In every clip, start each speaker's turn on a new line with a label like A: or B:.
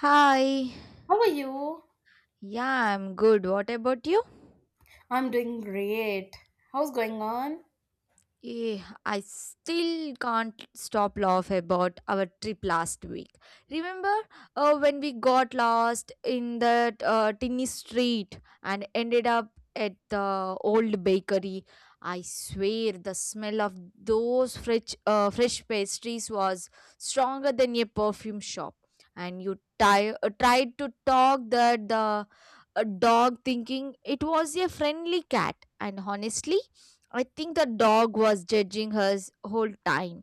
A: Hi.
B: How are you?
A: Yeah, I'm good. What about you?
B: I'm doing great. How's going on?
A: I still can't stop laugh about our trip last week. Remember when we got lost in that tiny street and ended up at the old bakery? I swear the smell of those fresh pastries was stronger than a perfume shop. And you tried to talk that the dog thinking it was a friendly cat. And honestly, I think the dog was judging her whole time,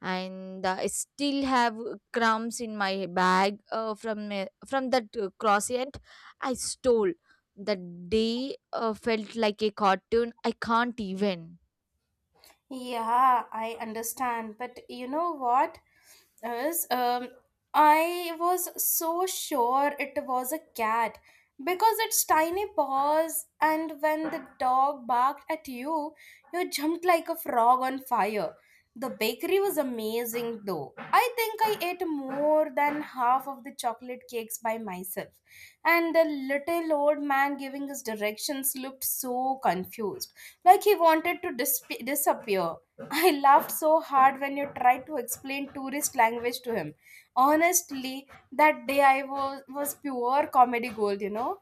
A: and I still have crumbs in my bag from that croissant I stole. The day felt like a cartoon. I can't even.
B: Yeah, I understand. But you know what is I was so sure it was a cat because its tiny paws, and when the dog barked at you, you jumped like a frog on fire. The bakery was amazing though. I think I ate more than half of the chocolate cakes by myself. And the little old man giving us directions looked so confused like he wanted to disappear. I laughed so hard when you tried to explain tourist language to him. Honestly, that day I was pure comedy gold.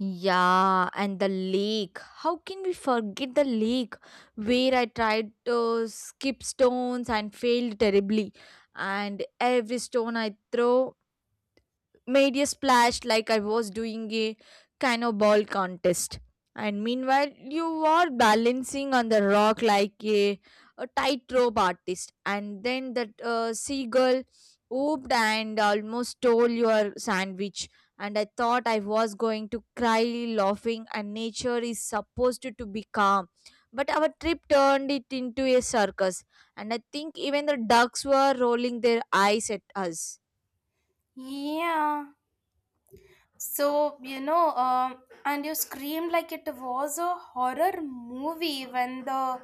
A: Yeah, and the lake. How can we forget the lake where I tried to skip stones and failed terribly? And every stone I throw made a splash like I was doing a cannonball contest. And meanwhile, you were balancing on the rock like a tightrope artist. And then that seagull whooped and almost stole your sandwich. And I thought I was going to cry laughing. And nature is supposed to be calm. But our trip turned it into a circus. And I think even the ducks were rolling their eyes at us.
B: Yeah. So, you know, um, and you screamed like it was a horror movie when the,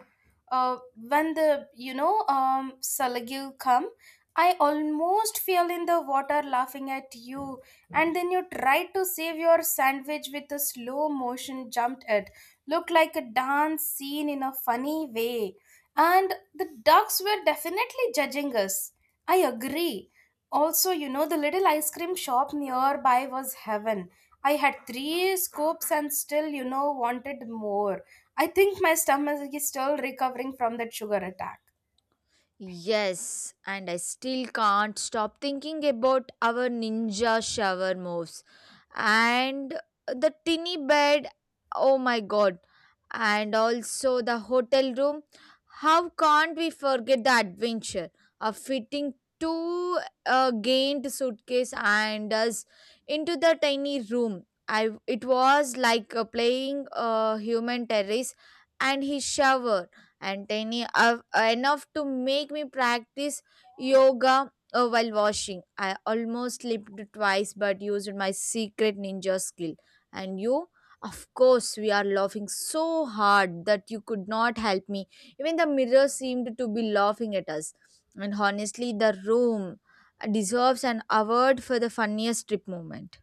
B: uh, when the, you know, um, Salagil come. I almost fell in the water laughing at you. And then you tried to save your sandwich with a slow motion jumped it. Looked like a dance scene in a funny way. And the ducks were definitely judging us. I agree. Also, the little ice cream shop nearby was heaven. I had three scoops and still wanted more. I think my stomach is still recovering from that sugar attack.
A: Yes, and I still can't stop thinking about our ninja shower moves and the tinny bed, oh my god, and also the hotel room. How can't we forget the adventure of fitting two gained suitcase and us into the tiny room. I it was like playing human terrace and his shower and tiny enough to make me practice yoga. Oh, while washing, I almost slipped twice but used my secret ninja skill. And you? Of course, we are laughing so hard that you could not help me. Even the mirror seemed to be laughing at us. And honestly, the room deserves an award for the funniest trip moment.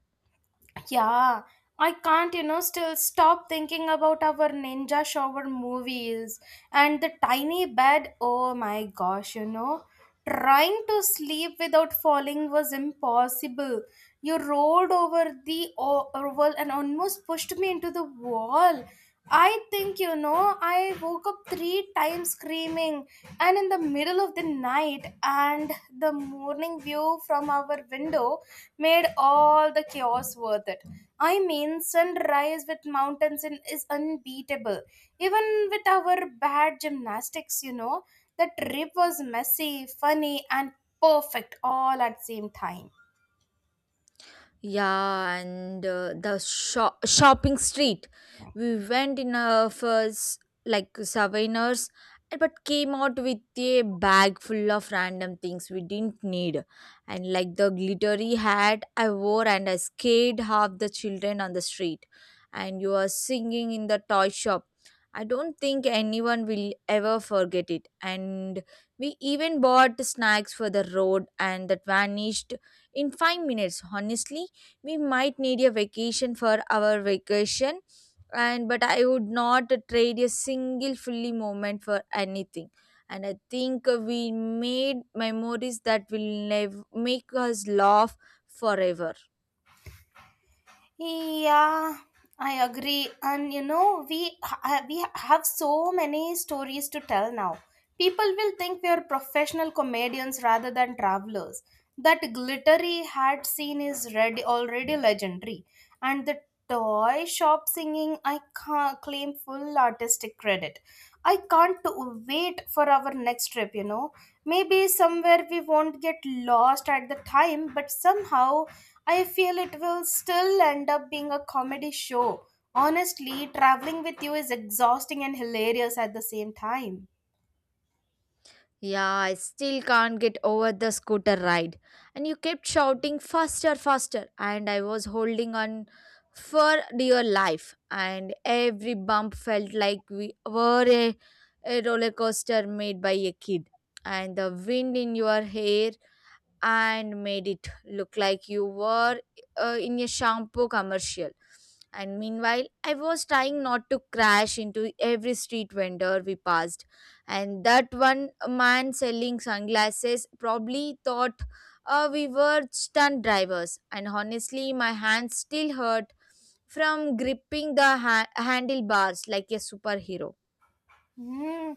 B: Yeah, I can't still stop thinking about our ninja shower movies and the tiny bed. Oh my gosh, trying to sleep without falling was impossible. You rolled over the oval and almost pushed me into the wall. I think I woke up three times screaming and in the middle of the night, and the morning view from our window made all the chaos worth it. I mean, sunrise with mountains in, is unbeatable. Even with our bad gymnastics, the trip was messy, funny, and perfect all at same time.
A: Yeah, and the shopping street. We went in a first like souvenirs, but came out with a bag full of random things we didn't need. And like the glittery hat I wore, and I scared half the children on the street. And you are singing in the toy shop. I don't think anyone will ever forget it. And we even bought snacks for the road, and that vanished in 5 minutes. Honestly, we might need a vacation for our vacation, and but I would not trade a single fully moment for anything. And I think we made memories that will never make us laugh forever.
B: Yeah, I agree. And you know, we we have so many stories to tell now. People will think we are professional comedians rather than travelers. That glittery hat scene is ready, already legendary, and the toy shop singing, I can't claim full artistic credit. I can't wait for our next trip. Maybe somewhere we won't get lost at the time, but somehow I feel it will still end up being a comedy show. Honestly, traveling with you is exhausting and hilarious at the same time.
A: Yeah, I still can't get over the scooter ride. And you kept shouting faster, faster. And I was holding on for dear life. And every bump felt like we were a roller coaster made by a kid. And the wind in your hair and made it look like you were in a shampoo commercial. And meanwhile, I was trying not to crash into every street vendor we passed. And that one man selling sunglasses probably thought we were stunt drivers. And honestly, my hands still hurt from gripping the handlebars like a superhero.
B: Mm.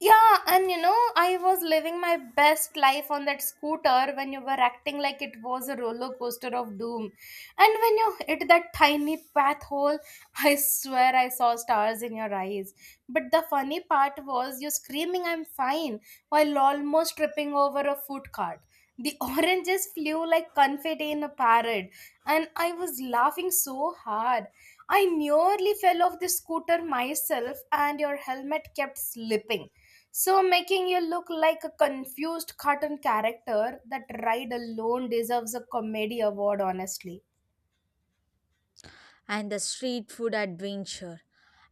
B: Yeah, and you know, I was living my best life on that scooter when you were acting like it was a roller coaster of doom. And when you hit that tiny path hole, I swear I saw stars in your eyes. But the funny part was you screaming, I'm fine, while almost tripping over a food cart. The oranges flew like confetti in a parrot, and I was laughing so hard. I nearly fell off the scooter myself, and your helmet kept slipping. So, making you look like a confused cartoon character, that ride alone deserves a comedy award, honestly.
A: And the street food adventure.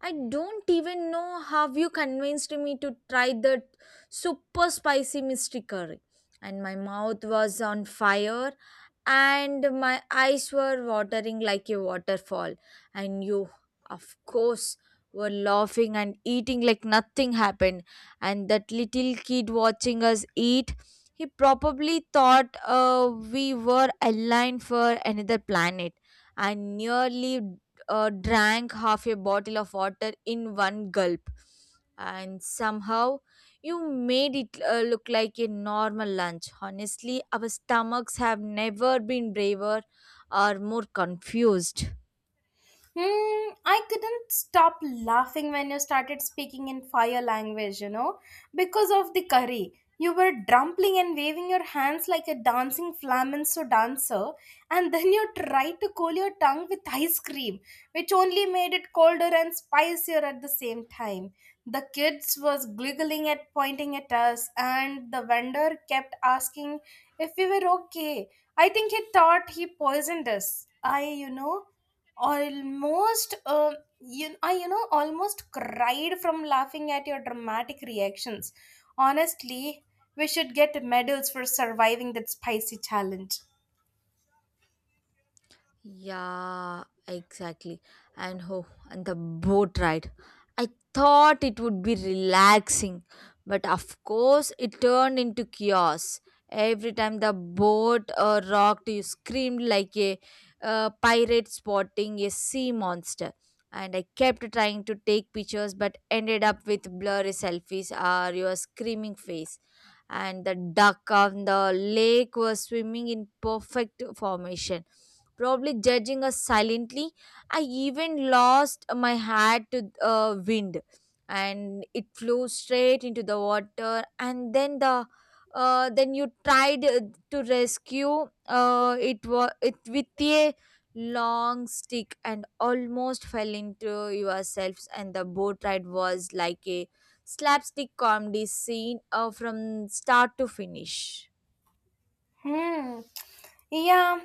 A: I don't even know how you convinced me to try that super spicy mystery curry. And my mouth was on fire and my eyes were watering like a waterfall. And you, of course, were laughing and eating like nothing happened. And that little kid watching us eat, he probably thought we were aligned for another planet. I nearly drank half a bottle of water in one gulp. And somehow you made it look like a normal lunch. Honestly, our stomachs have never been braver or more confused.
B: Hmm, I couldn't stop laughing when you started speaking in fire language, because of the curry. You were drumpling and waving your hands like a dancing flamenco dancer, and then you tried to cool your tongue with ice cream, which only made it colder and spicier at the same time. The kids was giggling at pointing at us, and the vendor kept asking if we were okay. I think he thought he poisoned us. I, you know, almost you, I, you know almost cried from laughing at your dramatic reactions. Honestly, we should get medals for surviving that spicy challenge.
A: Yeah, exactly. And oh, and the boat ride. I thought it would be relaxing, but of course it turned into chaos. Every time the boat rocked, you screamed like a pirate spotting a sea monster. And I kept trying to take pictures, but ended up with blurry selfies or your screaming face. And the duck on the lake was swimming in perfect formation, probably judging us silently. I even lost my hat to wind and it flew straight into the water, and then then you tried to rescue it with a long stick and almost fell into yourselves. And the boat ride was like a slapstick comedy scene from start to finish.
B: Hmm. Yeah,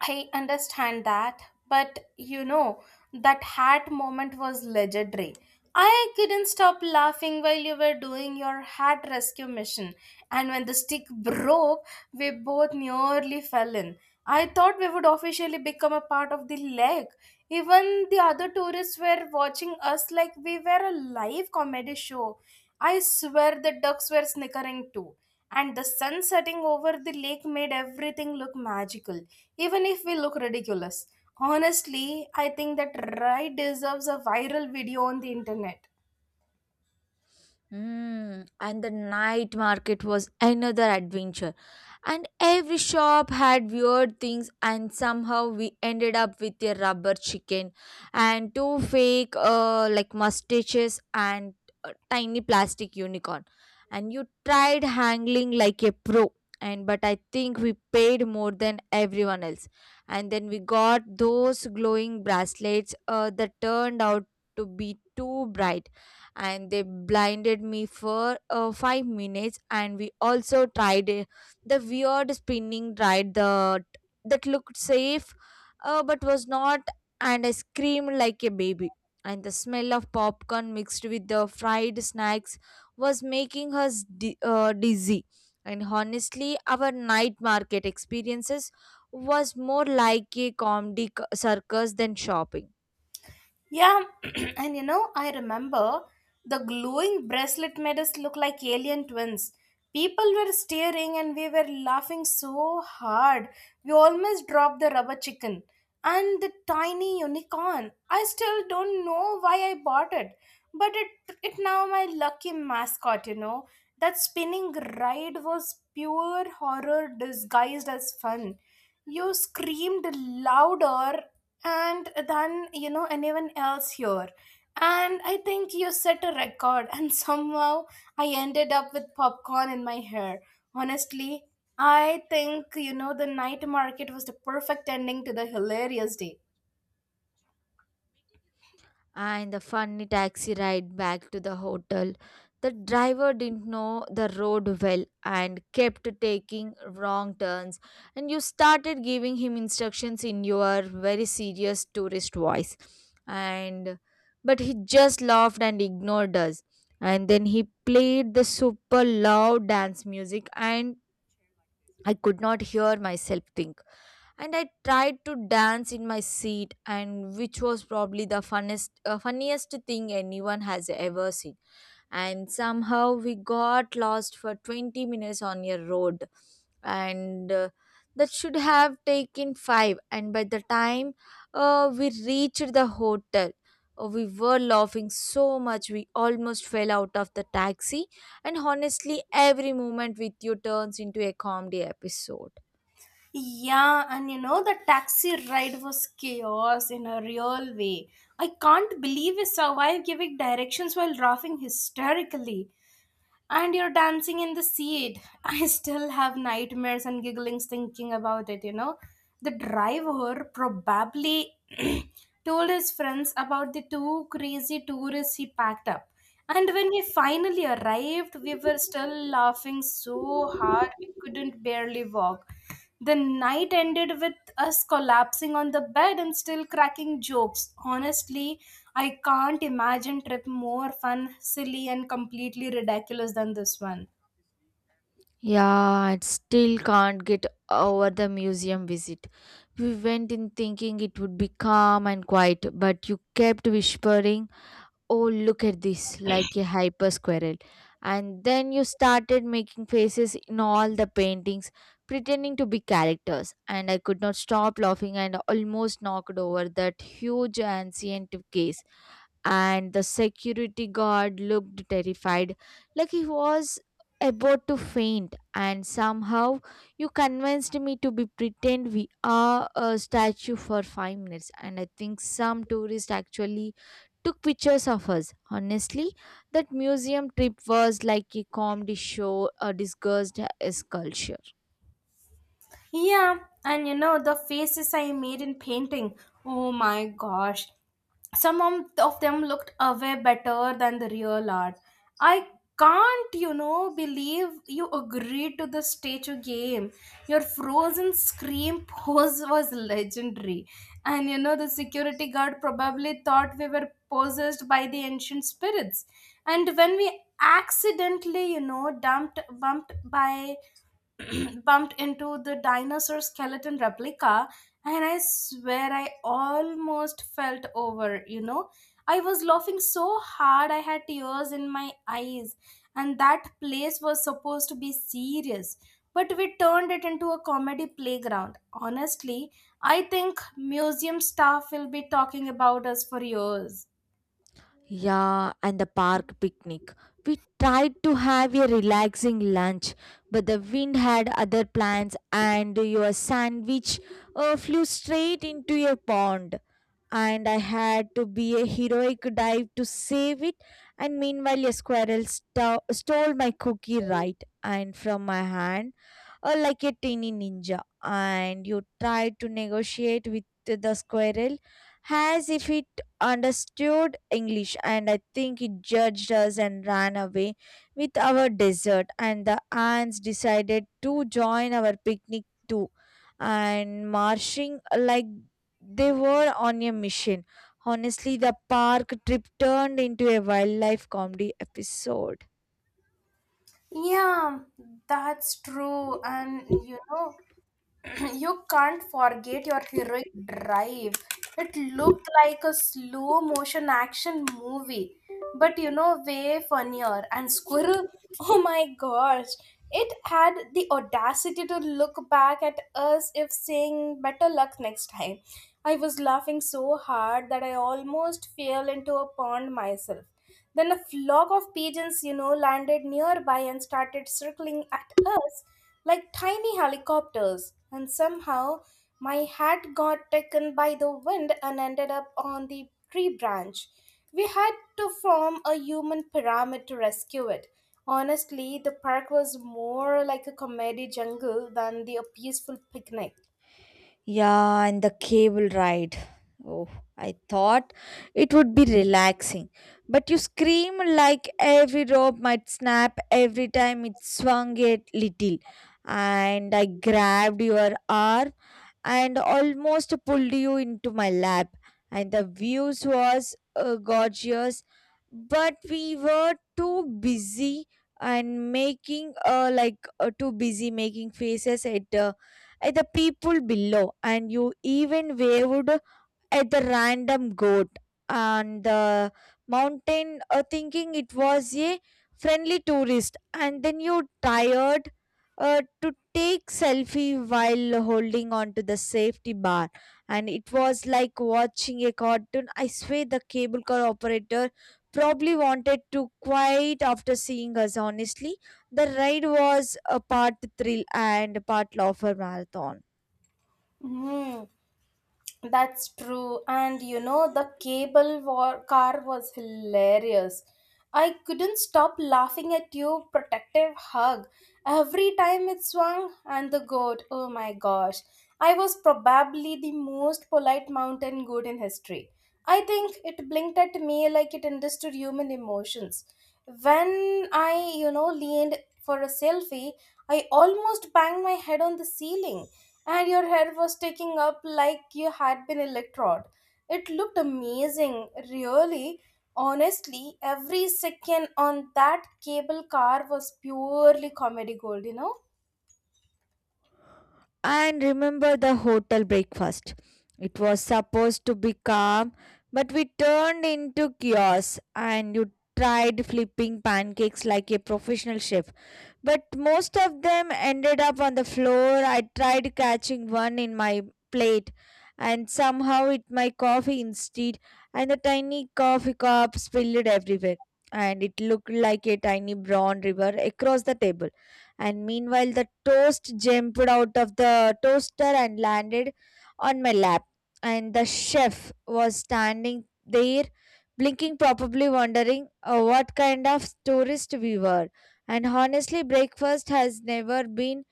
B: I understand that, but you know, that hat moment was legendary. I couldn't stop laughing while you were doing your hat rescue mission, and when the stick broke, we both nearly fell in. I thought we would officially become a part of the lake. Even the other tourists were watching us like we were a live comedy show. I swear the ducks were snickering too, and the sun setting over the lake made everything look magical, even if we look ridiculous. Honestly, I think that ride deserves a viral video on the internet.
A: Mm, and the night market was another adventure. And every shop had weird things, and somehow we ended up with a rubber chicken and two fake like mustaches and a tiny plastic unicorn. And you tried handling like a pro, and but I think we paid more than everyone else. And then we got those glowing bracelets that turned out to be too bright, and they blinded me for 5 minutes. And we also tried the weird spinning ride that looked safe, but was not. And I screamed like a baby. And the smell of popcorn mixed with the fried snacks was making us dizzy. And honestly our night market experiences was more like a comedy circus than shopping.
B: Yeah, and you know, I remember the glowing bracelet made us look like alien twins. People were staring and we were laughing so hard. We almost dropped the rubber chicken and the tiny unicorn. I still don't know why I bought it, but it now my lucky mascot. That spinning ride was pure horror disguised as fun. You screamed louder and than you know anyone else here, and I think you set a record, and somehow I ended up with popcorn in my hair. Honestly, I think the night market was the perfect ending to the hilarious day.
A: And the funny taxi ride back to the hotel. The driver didn't know the road well and kept taking wrong turns, and you started giving him instructions in your very serious tourist voice. And but he just laughed and ignored us. And then he played the super loud dance music, and I could not hear myself think. And I tried to dance in my seat, and which was probably the funniest thing anyone has ever seen. And somehow we got lost for 20 minutes on a road, and that should have taken 5. And by the time we reached the hotel. We were laughing so much we almost fell out of the taxi, and honestly, every moment with you turns into a comedy episode.
B: Yeah, and you know the taxi ride was chaos in a real way. I can't believe we survived giving directions while laughing hysterically, and you're dancing in the seat. I still have nightmares and gigglings thinking about it. The driver probably told his friends about the two crazy tourists he packed up. And when we finally arrived, we were still laughing so hard we couldn't barely walk. The night ended with us collapsing on the bed and still cracking jokes. Honestly, I can't imagine trip more fun, silly and completely ridiculous than this one.
A: Yeah, I still can't get over the museum visit. We went in thinking it would be calm and quiet, but you kept whispering, oh, look at this, like a hyper squirrel. And then you started making faces in all the paintings, pretending to be characters. And I could not stop laughing and almost knocked over that huge ancient case, and the security guard looked terrified, like he was about to faint. And somehow, you convinced me to be pretend we are a statue for 5 minutes. And I think some tourists actually took pictures of us. Honestly, that museum trip was like a comedy show disguised as culture.
B: Yeah, and you know, the faces I made in painting, oh my gosh. Some of them looked way better than the real art. I can't believe you agreed to the statue game. Your frozen scream pose was legendary. And you know, the security guard probably thought we were possessed by the ancient spirits. And when we accidentally, you know, dumped bumped by bumped into the dinosaur skeleton replica, and I swear I almost felt over. I was laughing so hard I had tears in my eyes, and that place was supposed to be serious. But we turned it into a comedy playground. Honestly, I think museum staff will be talking about us for years.
A: Yeah, and the park picnic. We tried to have a relaxing lunch, but the wind had other plans, and your sandwich flew straight into your pond. And I had to be a heroic dive to save it. And meanwhile, a squirrel stole my cookie right and from my hand or like a tiny ninja, and you try to negotiate with the squirrel as if it understood English. And I think it judged us and ran away with our dessert. And the ants decided to join our picnic too, and marching like they were on a mission. Honestly, the park trip turned into a wildlife comedy episode.
B: Yeah, that's true. And you know, you can't forget your heroic drive. It looked like a slow motion action movie, but you know, way funnier. And Squirrel, oh my gosh, it had the audacity to look back at us if saying better luck next time. I was laughing so hard that I almost fell into a pond myself. Then a flock of pigeons, you know, landed nearby and started circling at us like tiny helicopters, and somehow my hat got taken by the wind and ended up on the tree branch. We had to form a human pyramid to rescue it. Honestly, the park was more like a comedy jungle than the peaceful picnic.
A: Yeah, and the cable ride. Oh, I thought it would be relaxing. But you scream like every rope might snap every time it swung a little. And I grabbed your arm and almost pulled you into my lap. And the views was gorgeous, but we were too busy and making too busy making faces at the people below. And you even waved at the random goat and the mountain, thinking it was a friendly tourist. And then you tired to take selfie while holding on to the safety bar, and it was like watching a cartoon. I swear the cable car operator probably wanted to quiet after seeing us. Honestly, the ride was a part thrill and part laughter marathon.
B: Hmm. That's true. And you know, the cable war car was hilarious. I couldn't stop laughing at your protective hug every time it swung and the goat. Oh my gosh. I was probably the most polite mountain goat in history. I think it blinked at me like it understood human emotions. When I leaned for a selfie, I almost banged my head on the ceiling, and your hair was sticking up like you had been electrode. It looked amazing, really. Honestly, every second on that cable car was purely comedy gold, you know?
A: And remember the hotel breakfast. It was supposed to be calm, but we turned into chaos, and you tried flipping pancakes like a professional chef. But most of them ended up on the floor. I tried catching one in my plate and somehow it my coffee instead, and the tiny coffee cup spilled everywhere, and it looked like a tiny brown river across the table. And meanwhile the toast jumped out of the toaster and landed on my lap, and the chef was standing there blinking, probably wondering what kind of tourist we were. And honestly, breakfast has never been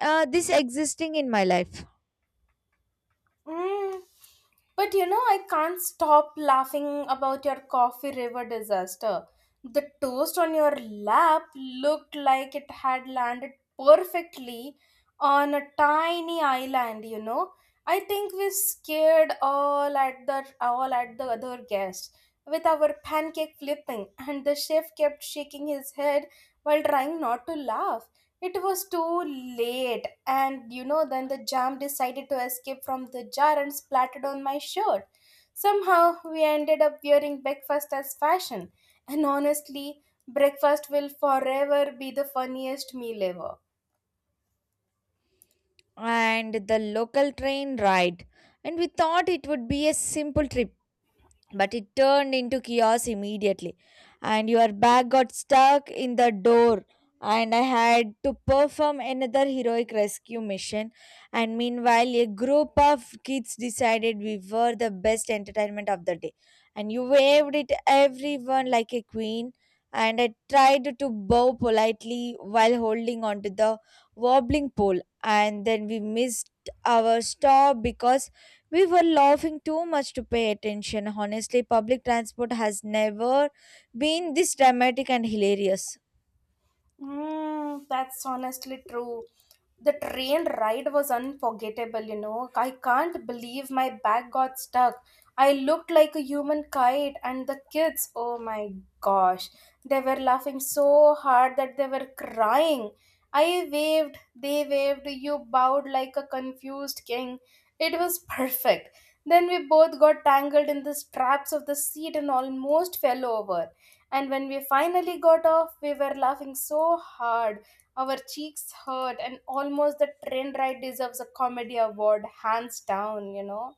A: this existing in my life.
B: Mm, but you know, I can't stop laughing about your coffee river disaster. The toast on your lap looked like it had landed perfectly on a tiny island. I think we scared all at the other guests with our pancake flipping, and the chef kept shaking his head while trying not to laugh. It was too late, and you know, then the jam decided to escape from the jar and splattered on my shirt. Somehow, we ended up wearing breakfast as fashion, and honestly, breakfast will forever be the funniest meal ever.
A: And the local train ride, and we thought it would be a simple trip, but it turned into chaos immediately. And your bag got stuck in the door, and I had to perform another heroic rescue mission. And meanwhile a group of kids decided we were the best entertainment of the day, and you waved at everyone like a queen, and I tried to bow politely while holding onto the wobbling pole. And then we missed our stop because we were laughing too much to pay attention. Honestly, public transport has never been this dramatic and hilarious.
B: Mm, that's honestly true. The train ride was unforgettable, you know. I can't believe my bag got stuck. I looked like a human kite, and the kids, oh my gosh, they were laughing so hard that they were crying. I waved, they waved, you bowed like a confused king. It was perfect. Then we both got tangled in the straps of the seat and almost fell over. And when we finally got off, we were laughing so hard. Our cheeks hurt, and almost the train ride deserves a comedy award, hands down, you know.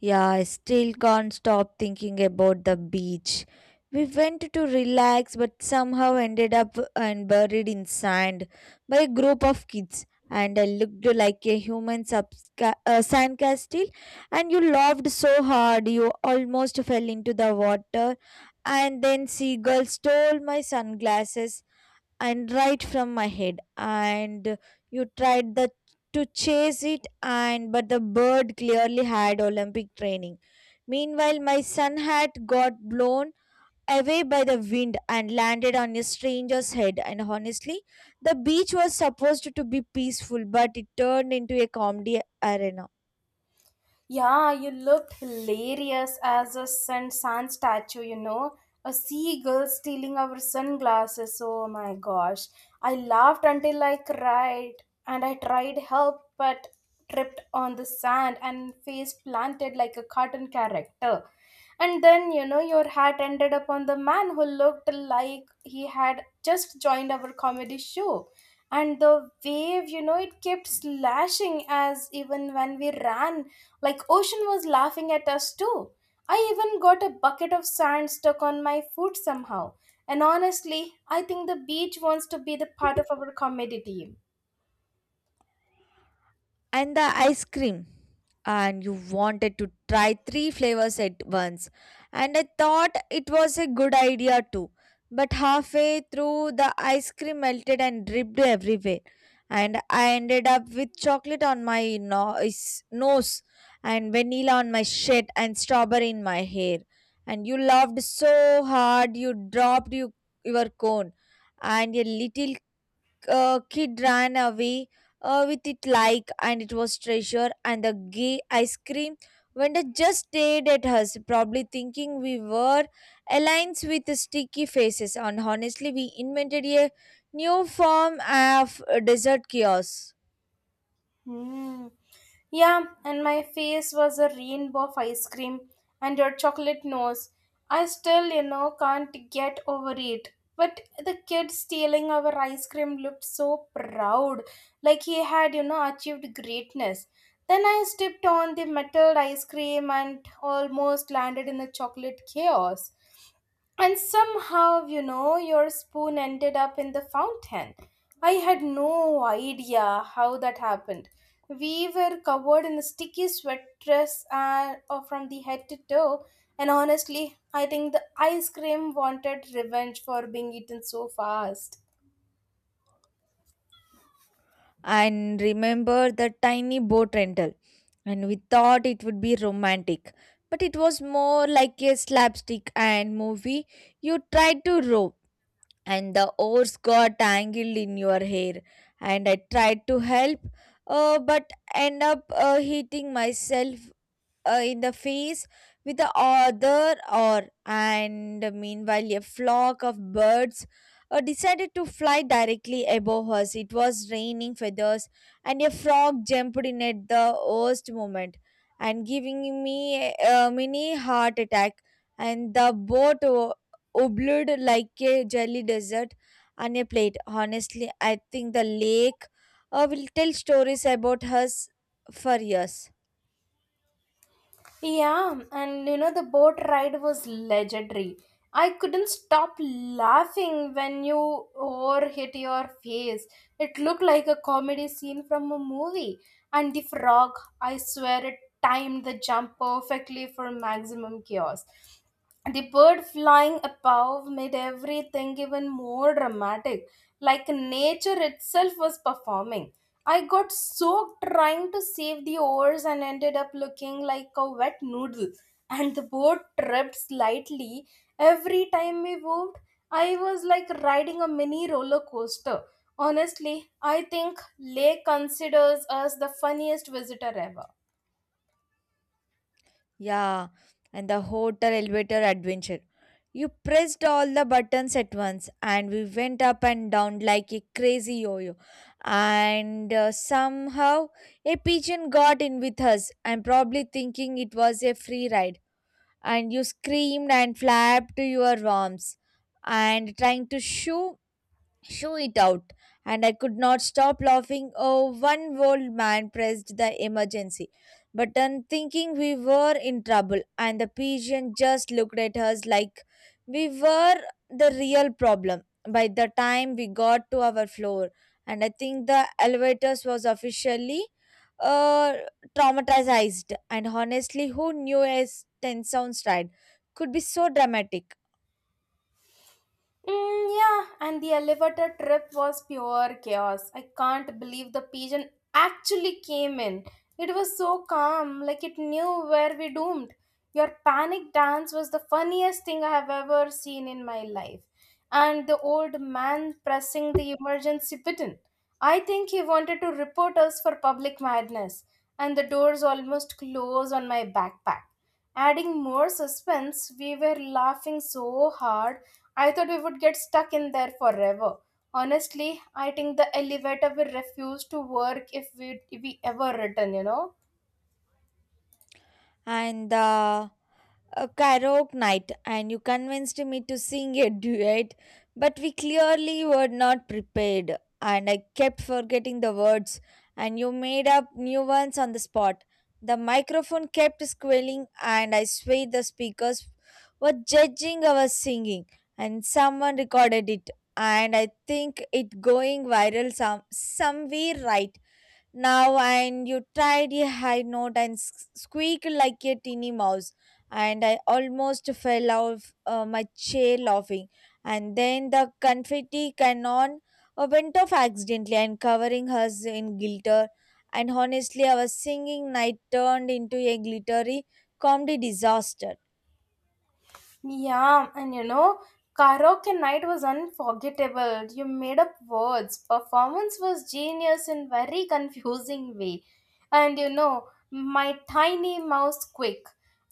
A: Yeah, I still can't stop thinking about the beach. We went to relax but somehow ended up and buried in sand by a group of kids. And I looked like a human sandcastle, and you laughed so hard you almost fell into the water. And then seagulls stole my sunglasses and right from my head, and you tried the to chase it and but the bird clearly had olympic training. Meanwhile my son had got blown away by the wind and landed on a stranger's head. And honestly, the beach was supposed to be peaceful but it turned into a comedy arena.
B: Yeah, you looked hilarious as a sun sand statue, you know. A seagull stealing our sunglasses. Oh my gosh. I laughed until I cried, and I tried help but tripped on the sand and face planted like a cartoon character. And then, you know, your hat ended up on the man who looked like he had just joined our comedy show. And the wave, you know, it kept slashing as even when we ran like Ocean was laughing at us too. I even got a bucket of sand stuck on my foot somehow. And honestly, I think the beach wants to be the part of our comedy team.
A: And the ice cream, and you wanted to try three flavors at once, and I thought it was a good idea too, but halfway through the ice cream melted and dripped everywhere. And I ended up with chocolate on my nose, and vanilla on my shirt, and strawberry in my hair. And you laughed so hard you dropped your cone, and a little kid ran away with it like and it was treasure. And the gay ice cream vendor just stared at us, probably thinking we were aliens with sticky faces. And honestly, we invented a new form of desert chaos.
B: Hmm. Yeah, and my face was a rainbow of ice cream and your chocolate nose. I still, can't get over it. But the kid stealing our ice cream looked so proud, like he had, achieved greatness. Then I stepped on the metal ice cream and almost landed in the chocolate chaos. And somehow, your spoon ended up in the fountain. I had no idea how that happened. We were covered in a sticky sweat dress and from the head to toe. And honestly, I think the ice cream wanted revenge for being eaten so fast.
A: And remember the tiny boat rental, and we thought it would be romantic, but it was more like a slapstick and movie. You tried to row, and the oars got tangled in your hair, and I tried to help, but end up hitting myself in the face with the other or. And meanwhile a flock of birds decided to fly directly above us. It was raining feathers, and a frog jumped in at the worst moment and giving me a mini heart attack. And the boat obled like a jelly desert on a plate. Honestly, I think the lake will tell stories about us for years.
B: Yeah, and the boat ride was legendary. I couldn't stop laughing when you or hit your face. It looked like a comedy scene from a movie. And the frog, I swear, it timed the jump perfectly for maximum chaos. The bird flying above made everything even more dramatic, like nature itself was performing. I got soaked trying to save the oars and ended up looking like a wet noodle. And the boat tripped slightly every time we moved. I was like riding a mini roller coaster. Honestly, I think Lake considers us the funniest visitor ever.
A: Yeah, and the hotel elevator adventure. You pressed all the buttons at once, and we went up and down like a crazy yo yo. And somehow, a pigeon got in with us, and probably thinking it was a free ride. And you screamed and flapped your arms, and trying to shoo show it out. And I could not stop laughing. Oh, one old man pressed the emergency button, thinking we were in trouble, and the pigeon just looked at us like we were the real problem. By the time we got to our floor, and I think the elevators was officially uh, traumatized. And honestly, who knew a 10 sounds ride could be so dramatic?
B: Mm, yeah, and the elevator trip was pure chaos. I can't believe the pigeon actually came in. It was so calm, like it knew where we doomed. Your panic dance was the funniest thing I have ever seen in my life. And the old man pressing the emergency button. I think he wanted to report us for public madness, and the doors almost closed on my backpack. Adding more suspense, we were laughing so hard, I thought we would get stuck in there forever. Honestly, I think the elevator will refuse to work if we ever return, you know?
A: And the a karaoke night, and you convinced me to sing a duet, but we clearly were not prepared, and I kept forgetting the words and you made up new ones on the spot. The microphone kept squealing, and I swear the speakers were judging our singing, and someone recorded it, and I think it going viral somewhere right now. And you tried a high note and squeaked like a teeny mouse, and I almost fell off my chair laughing. And then the confetti cannon went off accidentally and covering us in glitter. And honestly, our singing night turned into a glittery comedy disaster.
B: Yeah, and karaoke night was unforgettable. You made up words. Performance was genius in very confusing way. And my tiny mouse quick.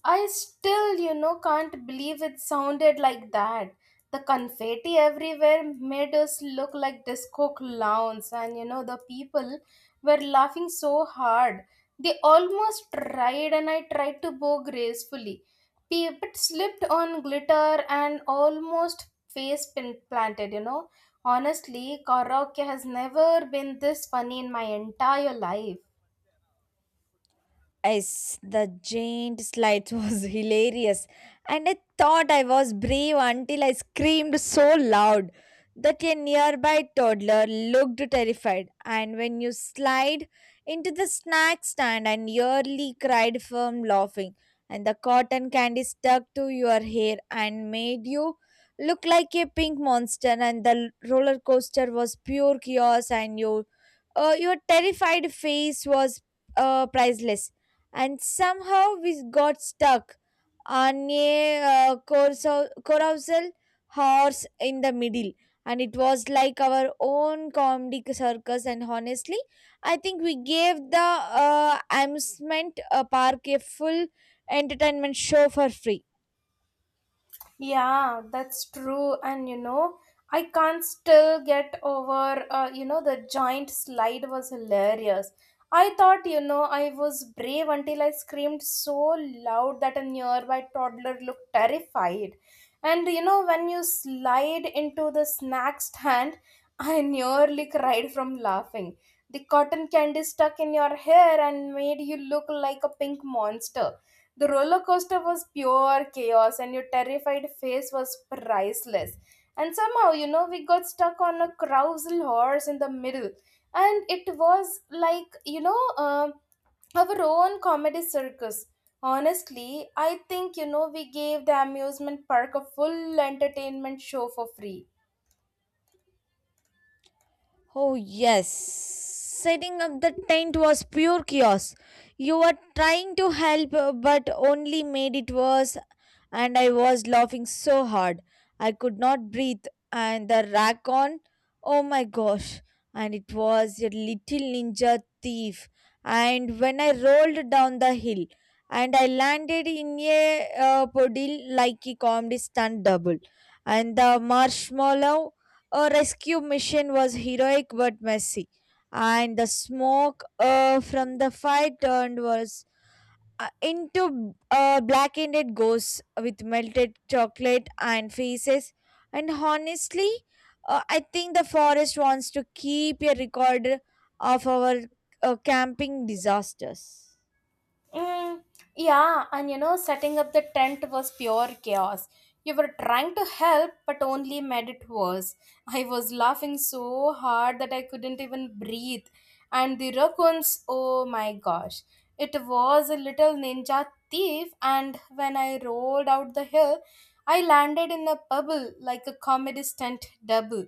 B: I still, can't believe it sounded like that. The confetti everywhere made us look like disco clowns, and the people were laughing so hard. They almost tried, and I tried to bow gracefully Pip slipped on glitter and almost face planted, Honestly, karaoke has never been this funny in my entire life.
A: Yes, the giant slides was hilarious, and I thought I was brave until I screamed so loud that a nearby toddler looked terrified. And when you slide into the snack stand and nearly cried from laughing, and the cotton candy stuck to your hair and made you look like a pink monster, and the roller coaster was pure chaos, and your terrified face was priceless. And somehow we got stuck on a carousel horse in the middle. And it was like our own comedy circus. And honestly, I think we gave the amusement park a full entertainment show for free.
B: Yeah, that's true. And I can't still get over, the giant slide was hilarious. I thought, I was brave until I screamed so loud that a nearby toddler looked terrified. And when you slide into the snack stand, I nearly cried from laughing. The cotton candy stuck in your hair and made you look like a pink monster the roller coaster was pure chaos, and your terrified face was priceless. And somehow, we got stuck on a carousel horse in the middle, and it was like, um our own comedy circus. Honestly, I think, we gave the amusement park a full entertainment show for free.
A: Oh, yes. Setting up the tent was pure chaos. You were trying to help, but only made it worse, and I was laughing so hard. I could not breathe, and the rack on. Oh my gosh. And it was a little ninja thief. And when I rolled down the hill, and I landed in a puddle like a comedy stunt double, and the marshmallow a rescue mission was heroic but messy, and the smoke from the fire turned was into blackened ghosts with melted chocolate and faces. And honestly, I think the forest wants to keep a record of our camping disasters.
B: Mm, yeah, and setting up the tent was pure chaos. You were trying to help, but only made it worse. I was laughing so hard that I couldn't even breathe. And the raccoons, oh my gosh, it was a little ninja thief. And when I rolled out the hill, I landed in a bubble like a comedy stunt double.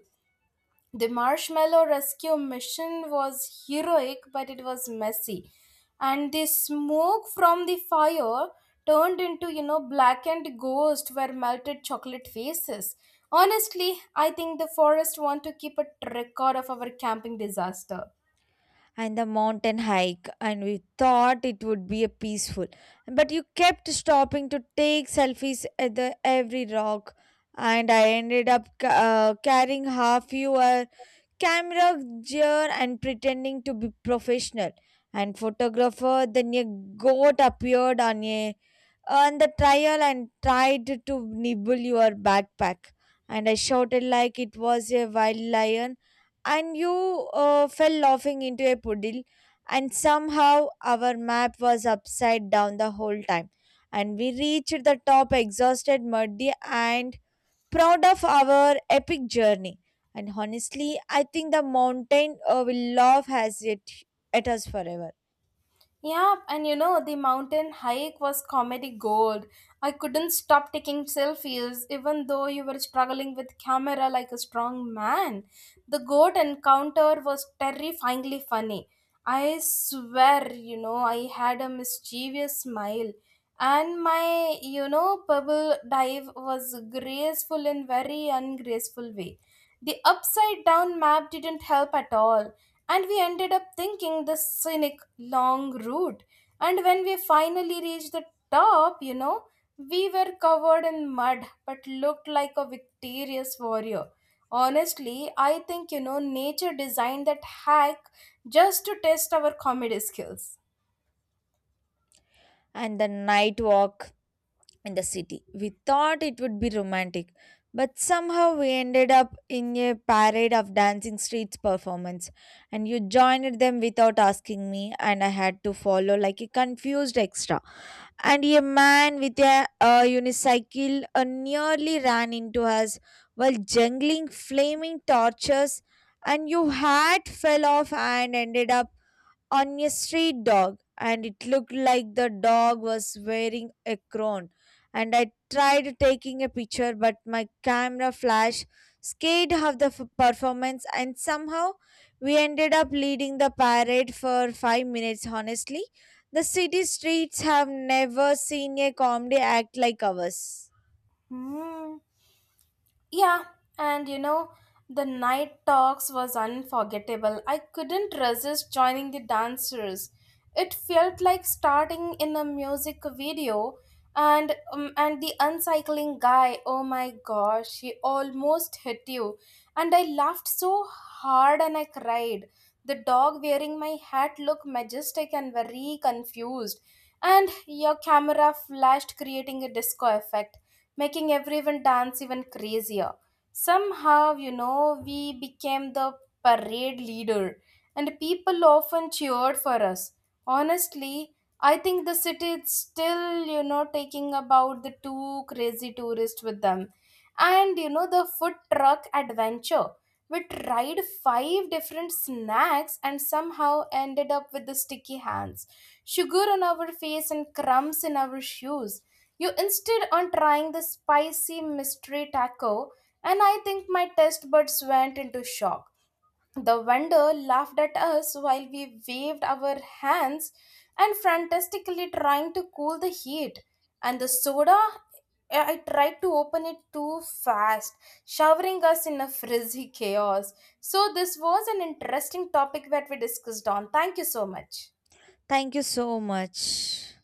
B: The marshmallow rescue mission was heroic, but it was messy. And the smoke from the fire turned into, blackened ghost where melted chocolate faces. Honestly, I think the forest want to keep a record of our camping disaster.
A: And the mountain hike, and we thought it would be a peaceful, but you kept stopping to take selfies at the every rock, and I ended up carrying half your camera gear and pretending to be professional and photographer. Then a goat appeared on a on the trial and tried to nibble your backpack. And I shouted like it was a wild lion, and you fell laughing into a puddle. And somehow our map was upside down the whole time. And we reached the top exhausted, muddy, and proud of our epic journey. And honestly, I think the mountain will laugh has it at us forever.
B: Yeah, and the mountain hike was comedy gold. I couldn't stop taking selfies, even though you were struggling with camera like a strong man. The goat encounter was terrifyingly funny. I swear, I had a mischievous smile. And my, pebble dive was graceful in very ungraceful way. The upside down map didn't help at all. And we ended up thinking the scenic long route. And when we finally reached the top, we were covered in mud but looked like a victorious warrior. Honestly, I think, nature designed that hack just to test our comedy skills.
A: And the night walk in the city. We thought it would be romantic, but somehow we ended up in a parade of dancing streets performance, and you joined them without asking me, and I had to follow like a confused extra. And a man with unicycle nearly ran into us while jungling flaming torches, and you hat fell off and ended up on a street dog, and it looked like the dog was wearing a crown. And I tried taking a picture but my camera flash scared of the performance, and somehow we ended up leading the parade for 5 minutes. Honestly, the city streets have never seen a comedy act like ours.
B: Hmm. Yeah, and the night talks was unforgettable. I couldn't resist joining the dancers. It felt like starting in a music video and the uncycling guy, oh my gosh, he almost hit you. And I laughed so hard and I cried. The dog wearing my hat looked majestic and very confused. And your camera flashed creating a disco effect making everyone dance even crazier. Somehow, we became the parade leader, and people often cheered for us. Honestly, I think the city is still, taking about the two crazy tourists with them. And, the food truck adventure. We tried five different snacks and somehow ended up with the sticky hands, sugar on our face, and crumbs in our shoes. You insisted on trying the spicy mystery taco, and I think my taste buds went into shock. The vendor laughed at us while we waved our hands and frantically trying to cool the heat. And the soda, I tried to open it too fast, showering us in a frizzy chaos. So, this was an interesting topic that we discussed on. Thank you so much.
A: Thank you so much.